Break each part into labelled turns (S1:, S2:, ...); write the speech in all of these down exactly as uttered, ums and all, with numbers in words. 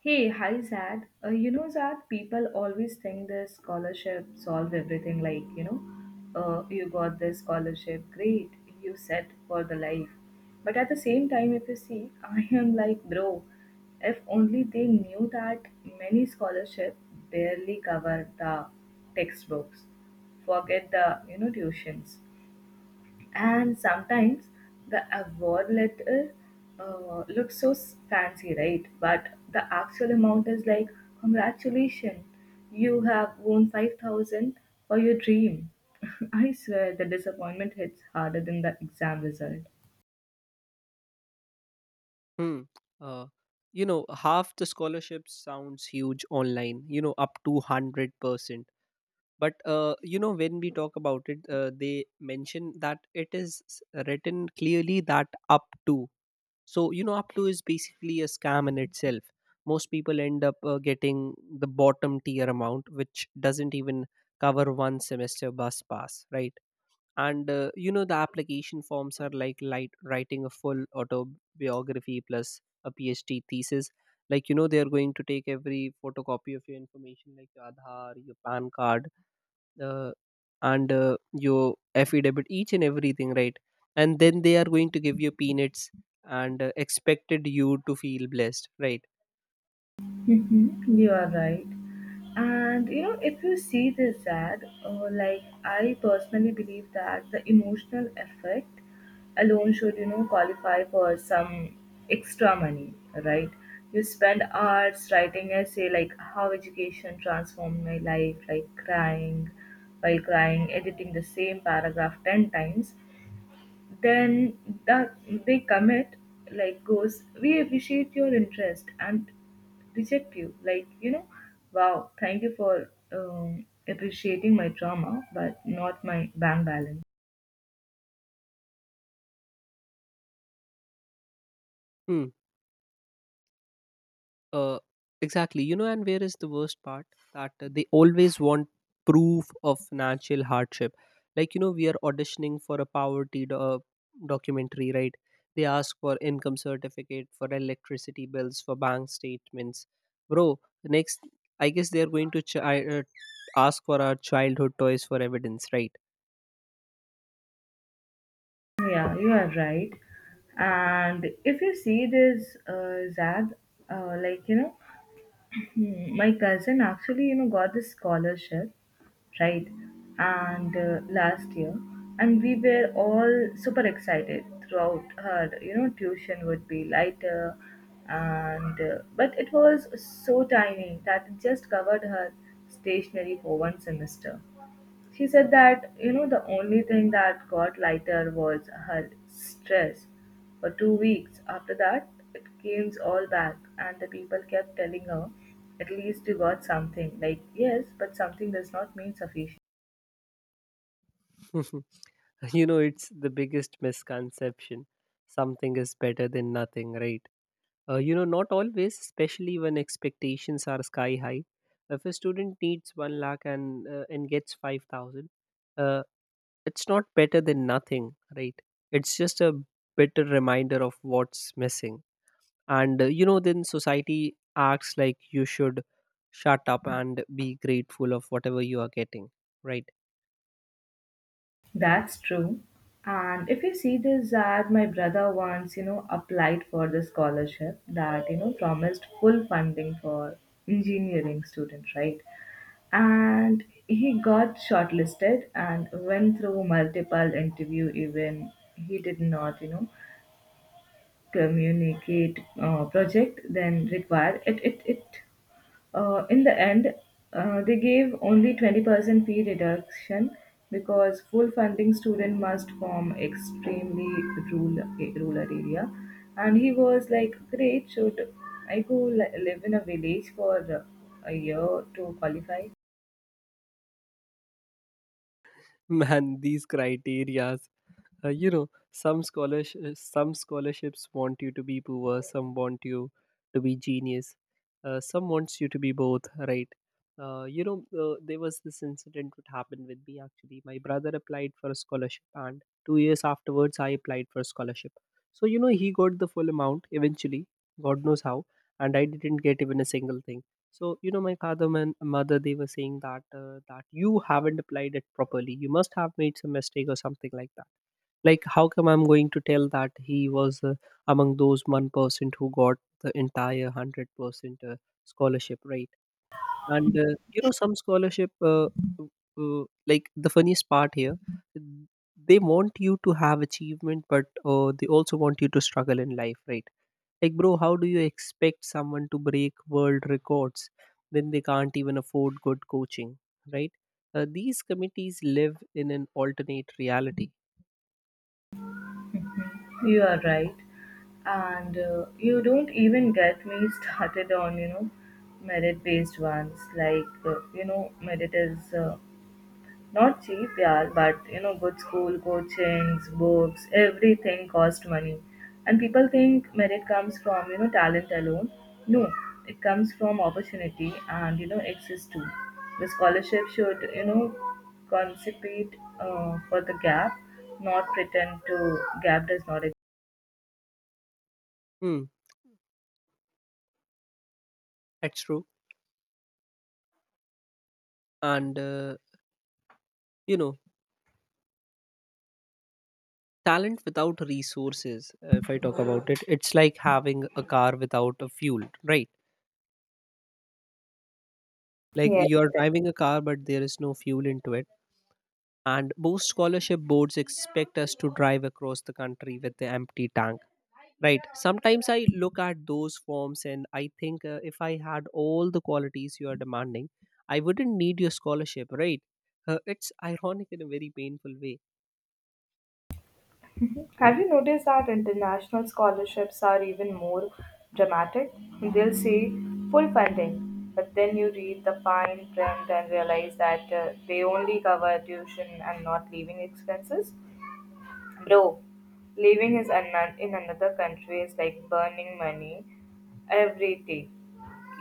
S1: Hey, hi Zad. Uh, you know, Zad, people always think this scholarship solve everything. Like, you know, uh, you got this scholarship, great, you set for the life. But at the same time, if you see, I am like, bro, if only they knew that many scholarship barely cover the textbooks. Forget the, you know, tuitions, and sometimes the award letter uh, looks so s- fancy, right? But the actual amount is like, congratulations, you have won five thousand for your dream. I swear the disappointment hits harder than the exam result.
S2: Hmm. Uh, you know, half the scholarships sounds huge online, you know, up to one hundred percent. But, uh, you know, when we talk about it, uh, they mention that it is s- written clearly that up to. So, you know, up to is basically a scam in itself. Most people end up uh, getting the bottom tier amount, which doesn't even cover one semester bus pass, right? And uh, you know the application forms are like light, writing a full autobiography plus a P H D thesis, like you know they are going to take every photocopy of your information, like your Aadhaar, your P A N card, uh, and uh, your affidavit, each and everything, right? And then they are going to give you peanuts and uh, expected you to feel blessed, right?
S1: Mhm, you are right. And you know, if you see this ad, uh, like I personally believe that the emotional effect alone should, you know, qualify for some extra money, right? You spend hours writing essay like how education transformed my life, like crying while crying, editing the same paragraph ten times, then the, they commit like goes, we appreciate your interest and reject you, like, you know, wow, thank you for um, appreciating my drama but not my bank balance.
S2: Hmm. uh, exactly. You know and where is the worst part, that uh, they always want proof of natural hardship, like you know we are auditioning for a poverty do- uh, documentary, right? They ask for income certificate, for electricity bills, for bank statements, bro. Next, I guess they are going to ch- uh, ask for our childhood toys for evidence, right?
S1: Yeah, you are right. And if you see this, uh, zag, uh, like you know Hmm. My cousin actually, you know, got this scholarship, right? And uh, last year, and we were all super excited throughout her, you know, tuition would be lighter, and uh, but it was so tiny that it just covered her stationery for one semester. She said that, you know, the only thing that got lighter was her stress for two weeks. After that, it came all back, and the people kept telling her, at least you got something. Like, yes, but something does not mean sufficient.
S2: you know it's the biggest misconception, something is better than nothing, right? Uh, you know, not always, especially when expectations are sky high. If a student needs one lakh and uh, and gets five thousand, uh, it's not better than nothing, right? It's just a better reminder of what's missing. And uh, you know, then society acts like you should shut up and be grateful of whatever you are getting, right?
S1: That's true. And if you see this, that my brother once, you know, applied for the scholarship that, you know, promised full funding for engineering students, right? And he got shortlisted and went through multiple interview, even he did not, you know, communicate uh, project then required. It, it, it uh, In the end, uh, they gave only twenty percent fee reduction because full funding student must form extremely rural, rural area. And he was like, great, should I go li- live in a village for uh, a year to qualify?
S2: Man, these criteria. Uh, you know, some scholars, uh, some scholarships want you to be poor, some want you to be genius, uh, some wants you to be both, right? Uh, you know, uh, there was this incident that happened with me actually. My brother applied for a scholarship, and two years afterwards, I applied for a scholarship. So, you know, he got the full amount eventually, God knows how, and I didn't get even a single thing. So, you know, my father and mother, they were saying that, uh, that you haven't applied it properly. You must have made some mistake or something like that. Like, how come I'm going to tell that he was uh, among those one percent who got the entire one hundred percent uh, scholarship, right? And, uh, you know, some scholarship, uh, uh, like the funniest part here, they want you to have achievement, but uh, they also want you to struggle in life, right? Like, bro, how do you expect someone to break world records when they can't even afford good coaching, right? Uh, these committees live in an alternate reality.
S1: You are right. And uh, you don't even get me started on, you know, merit based ones. Like, uh, you know, merit is uh, not cheap, yeah, but you know, good school, coachings, books, everything cost money. And people think merit comes from, you know, talent alone. No, it comes from opportunity and, you know, access too. The scholarship should, you know, compensate uh, for the gap, not pretend to gap does not exist.
S2: Hmm, that's true. And uh, you know talent without resources, uh, if I talk about it, it's like having a car without a fuel, right? Like,
S1: Yes.
S2: you're driving a car but there is no fuel into it. And most scholarship boards expect us to drive across the country with the empty tank, right? Sometimes I look at those forms and I think, uh, if I had all the qualities you are demanding, I wouldn't need your scholarship, right? uh, it's ironic in a very painful way.
S1: Have you noticed that international scholarships are even more dramatic? They'll say full funding, but then you read the fine print and realize that uh, they only cover tuition and not living expenses. Bro, living is an- in another country is like burning money every day.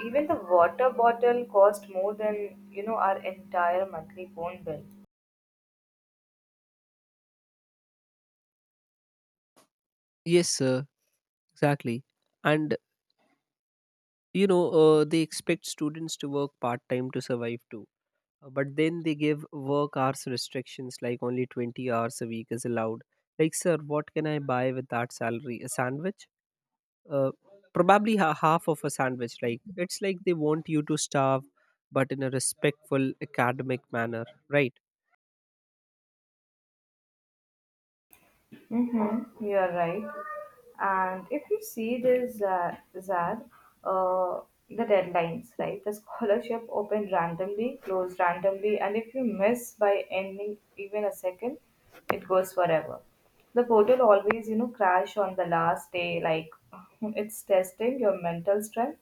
S1: Even the water bottle cost more than, you know, our entire monthly phone bill.
S2: Yes, sir, exactly. And you know uh, they expect students to work part time to survive too. Uh, but then they give work hours restrictions, like only twenty hours a week is allowed. Like, sir, what can I buy with that salary? A sandwich? uh, Probably ha- half of a sandwich. Like, it's like they want you to starve, but in a respectful academic manner, right?
S1: Mm-hmm, you are right. And if you see this, uh, Zad, uh, the deadlines, right? The scholarship open randomly, close randomly, and if you miss by ending even a second, it goes forever. The portal always, you know, crash on the last day, like, it's testing your mental strength.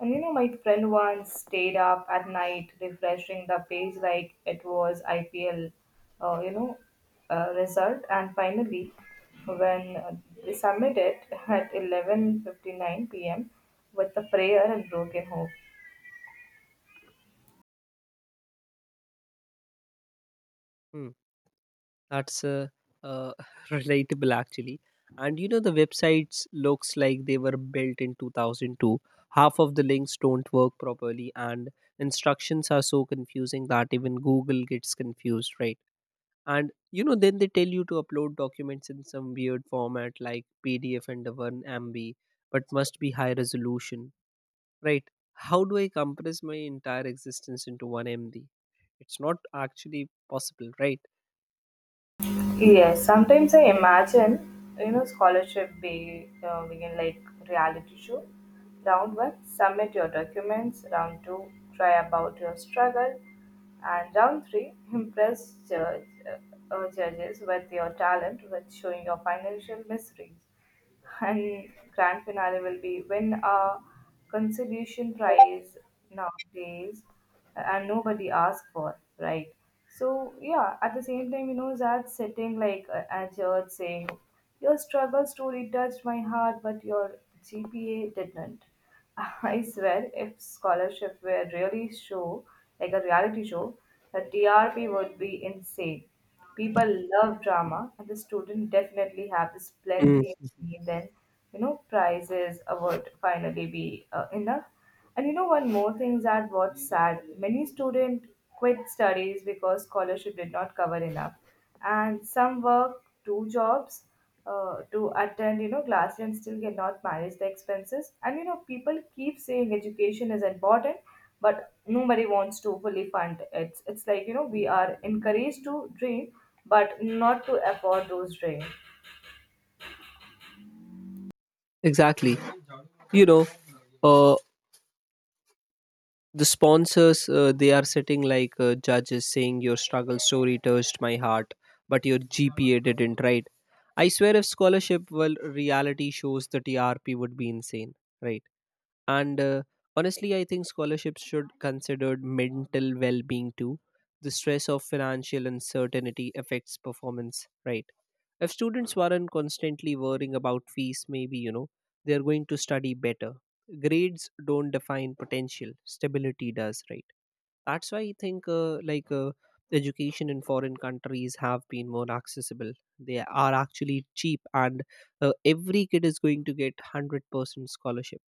S1: And you know, my friend once stayed up at night refreshing the page like it was I P L, uh, you know, uh, result. And finally, when uh, they submitted at eleven fifty-nine p m with a prayer and broken hope.
S2: Hmm. That's uh, uh, relatable actually. And you know the websites looks like they were built in two thousand two. Half of the links don't work properly and instructions are so confusing that even Google gets confused, right? And you know then they tell you to upload documents in some weird format like P D F and one M B, but must be high resolution, right? How do I compress my entire existence into one M B? It's not actually possible, right?
S1: Yes, sometimes I imagine, you know, scholarship be uh, begin like reality show. Round one, submit your documents. Round two, try about your struggle, and round three, impress judge, uh, uh, judges with your talent, with showing your financial miseries, and grand finale will be win a consolation prize nowadays, and nobody asks for, right? So, yeah, at the same time, you know, that sitting like uh, at church saying, your struggle story touched my heart but your gpa didn't. I swear, if scholarship were really show, like a reality show, the T R P would be insane. People love drama, and the student definitely have this
S2: Mm.
S1: plenty of money. Then, you know, prizes award finally be uh, enough. And you know, one more thing, that what's sad, many student quit studies because scholarship did not cover enough, and some work two jobs uh, to attend, you know, classes, and still cannot manage the expenses. And you know, people keep saying education is important but nobody wants to fully fund it. it's it's like, you know, we are encouraged to dream but not to afford those dreams.
S2: Exactly. you know uh, the sponsors, uh, they are sitting like uh, judges saying your struggle story touched my heart but your G P A didn't, right? I swear, if scholarship well reality shows, the T R P would be insane, right? And uh, honestly, I think scholarships should consider mental well-being too. The stress of financial uncertainty affects performance, right? If students weren't constantly worrying about fees, maybe, you know, they're going to study better. Grades don't define potential, stability does, right? That's why I think, uh, like, uh, education in foreign countries have been more accessible. They are actually cheap, and uh, every kid is going to get one hundred percent scholarship.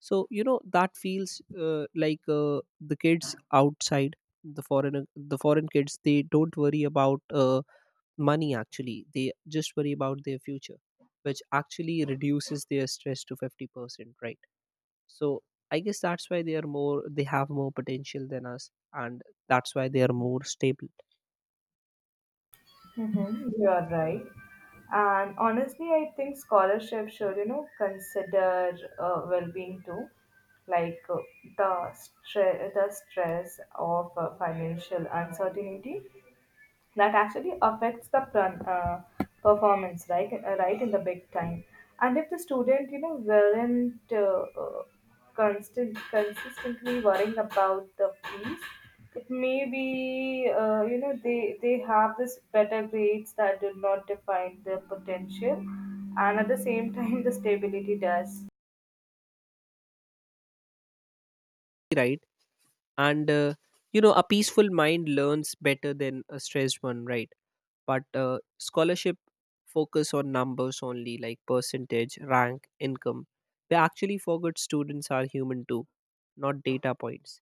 S2: So, you know, that feels uh, like uh, the kids outside, the foreign the foreign kids, they don't worry about uh, money actually, they just worry about their future, which actually reduces their stress to fifty percent, right? So, I guess that's why they are more they have more potential than us, and that's why they are more stable,
S1: Mm-hmm, you are right. And honestly, I think scholarship should, you know, consider uh, well-being too, like uh, the stress, the stress of uh, financial uncertainty, that actually affects the pron- uh, performance, right uh, right in the big time. And if the student, you know, weren't uh, uh, constant consistently worrying about the fees, it may be, uh, you know they they have this better grades that do not define their potential, and at the same time the stability does.
S2: right? And uh, you know a peaceful mind learns better than a stressed one, right? But uh, scholarship focus on numbers only, like percentage, rank, income. They actually forgot students are human too, not data points.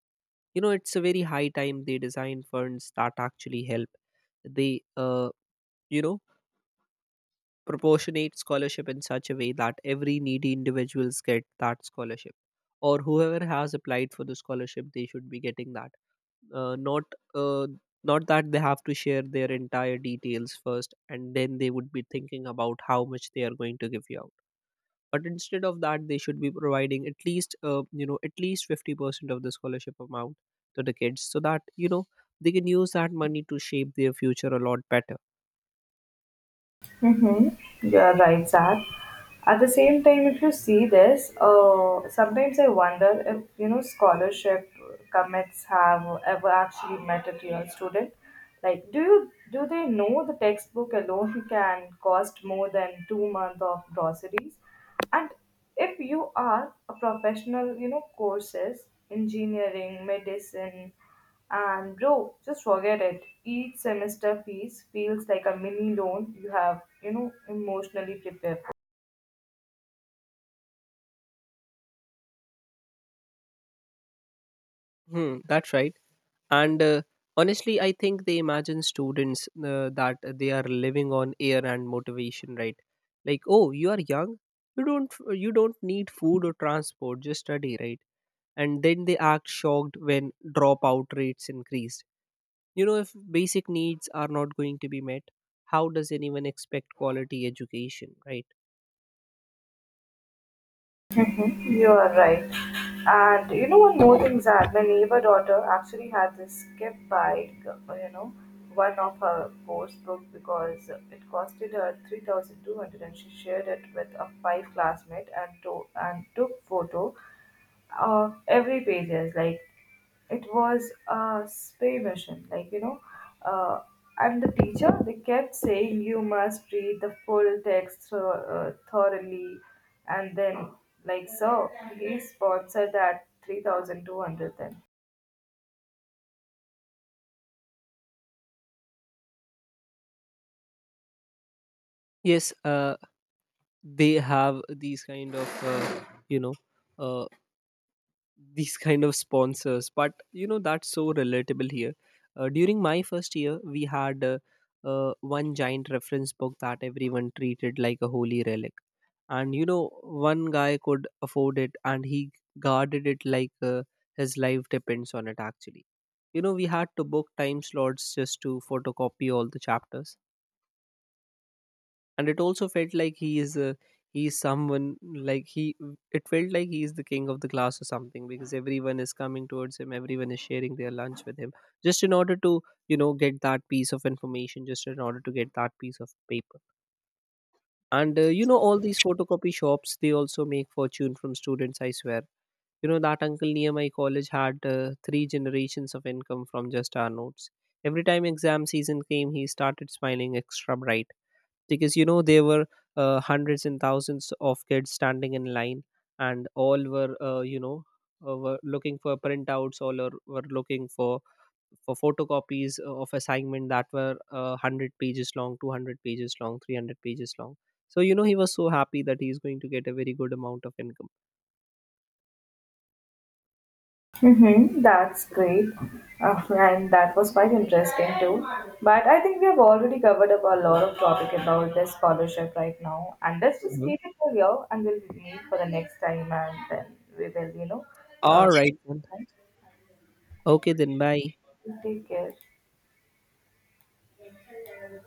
S2: you know it's a very high time they design funds that actually help. They uh, you know proportionate scholarship in such a way that every needy individuals get that scholarship, or whoever has applied for the scholarship, they should be getting that. uh, not uh, not that they have to share their entire details first and then they would be thinking about how much they are going to give you out. But instead of that, they should be providing at least uh, you know at least fifty percent of the scholarship amount to the kids, so that you know they can use that money to shape their future a lot better.
S1: Mm-hmm, you are right, Zach. At the same time, if you see this, uh, sometimes I wonder if, you know, scholarship commits have ever actually met a real student. Like, do you do they know the textbook alone can cost more than two months of groceries? And if you are a professional, you know, courses, engineering, medicine, and bro, just forget it. Each semester fees feels like a mini loan you have, you know, emotionally prepared.
S2: Hmm, that's right. And uh, honestly, I think they imagine students, uh, that they are living on air and motivation, right? Like, oh, you are young, you don't you don't need food or transport, just study, right? And then they act shocked when dropout rates increase. You know, if basic needs are not going to be met, how does anyone expect quality education, right?
S1: You are right. And you know, one more thing, Zad, my neighbor daughter actually had this gift by, you know, one of her course book because it costed her three thousand two hundred, and she shared it with a five classmate, and, to- and took photo of every pages, like it was a spay mission, like, you know, uh, and the teacher they kept saying you must read the full text thro- uh, thoroughly, and then, like, so he sponsored that three thousand two hundred then.
S2: Yes, uh, they have these kind of, uh, you know, uh, these kind of sponsors, but you know that's so relatable here. Uh, during my first year, we had uh, uh, one giant reference book that everyone treated like a holy relic. And you know one guy could afford it, and he guarded it like uh, his life depends on it actually. you know we had to book time slots just to photocopy all the chapters. And it also felt like he is uh, he is someone like he it felt like he is the king of the class or something, because everyone is coming towards him, everyone is sharing their lunch with him, just in order to you know get that piece of information, just in order to get that piece of paper. And uh, you know all these photocopy shops, they also make fortune from students, I swear. you know that uncle near my college had uh, three generations of income from just our notes. Every time exam season came, he started smiling extra bright, because you know there were uh, hundreds and thousands of kids standing in line. And all were uh, you know uh, were looking for printouts, all are, were looking for for photocopies of assignment that were uh, one hundred pages long, two hundred pages long, three hundred pages long. So, you know he was so happy that he's going to get a very good amount of income.
S1: Mm-hmm, that's great. Uh, and that was quite interesting too. But I think we have already covered up a lot of topic about this scholarship right now. And let's just
S2: Mhm.
S1: keep it for here, and we'll meet for the next time, and then we will, you know, uh,
S2: All right then. Okay then, bye.
S1: take care.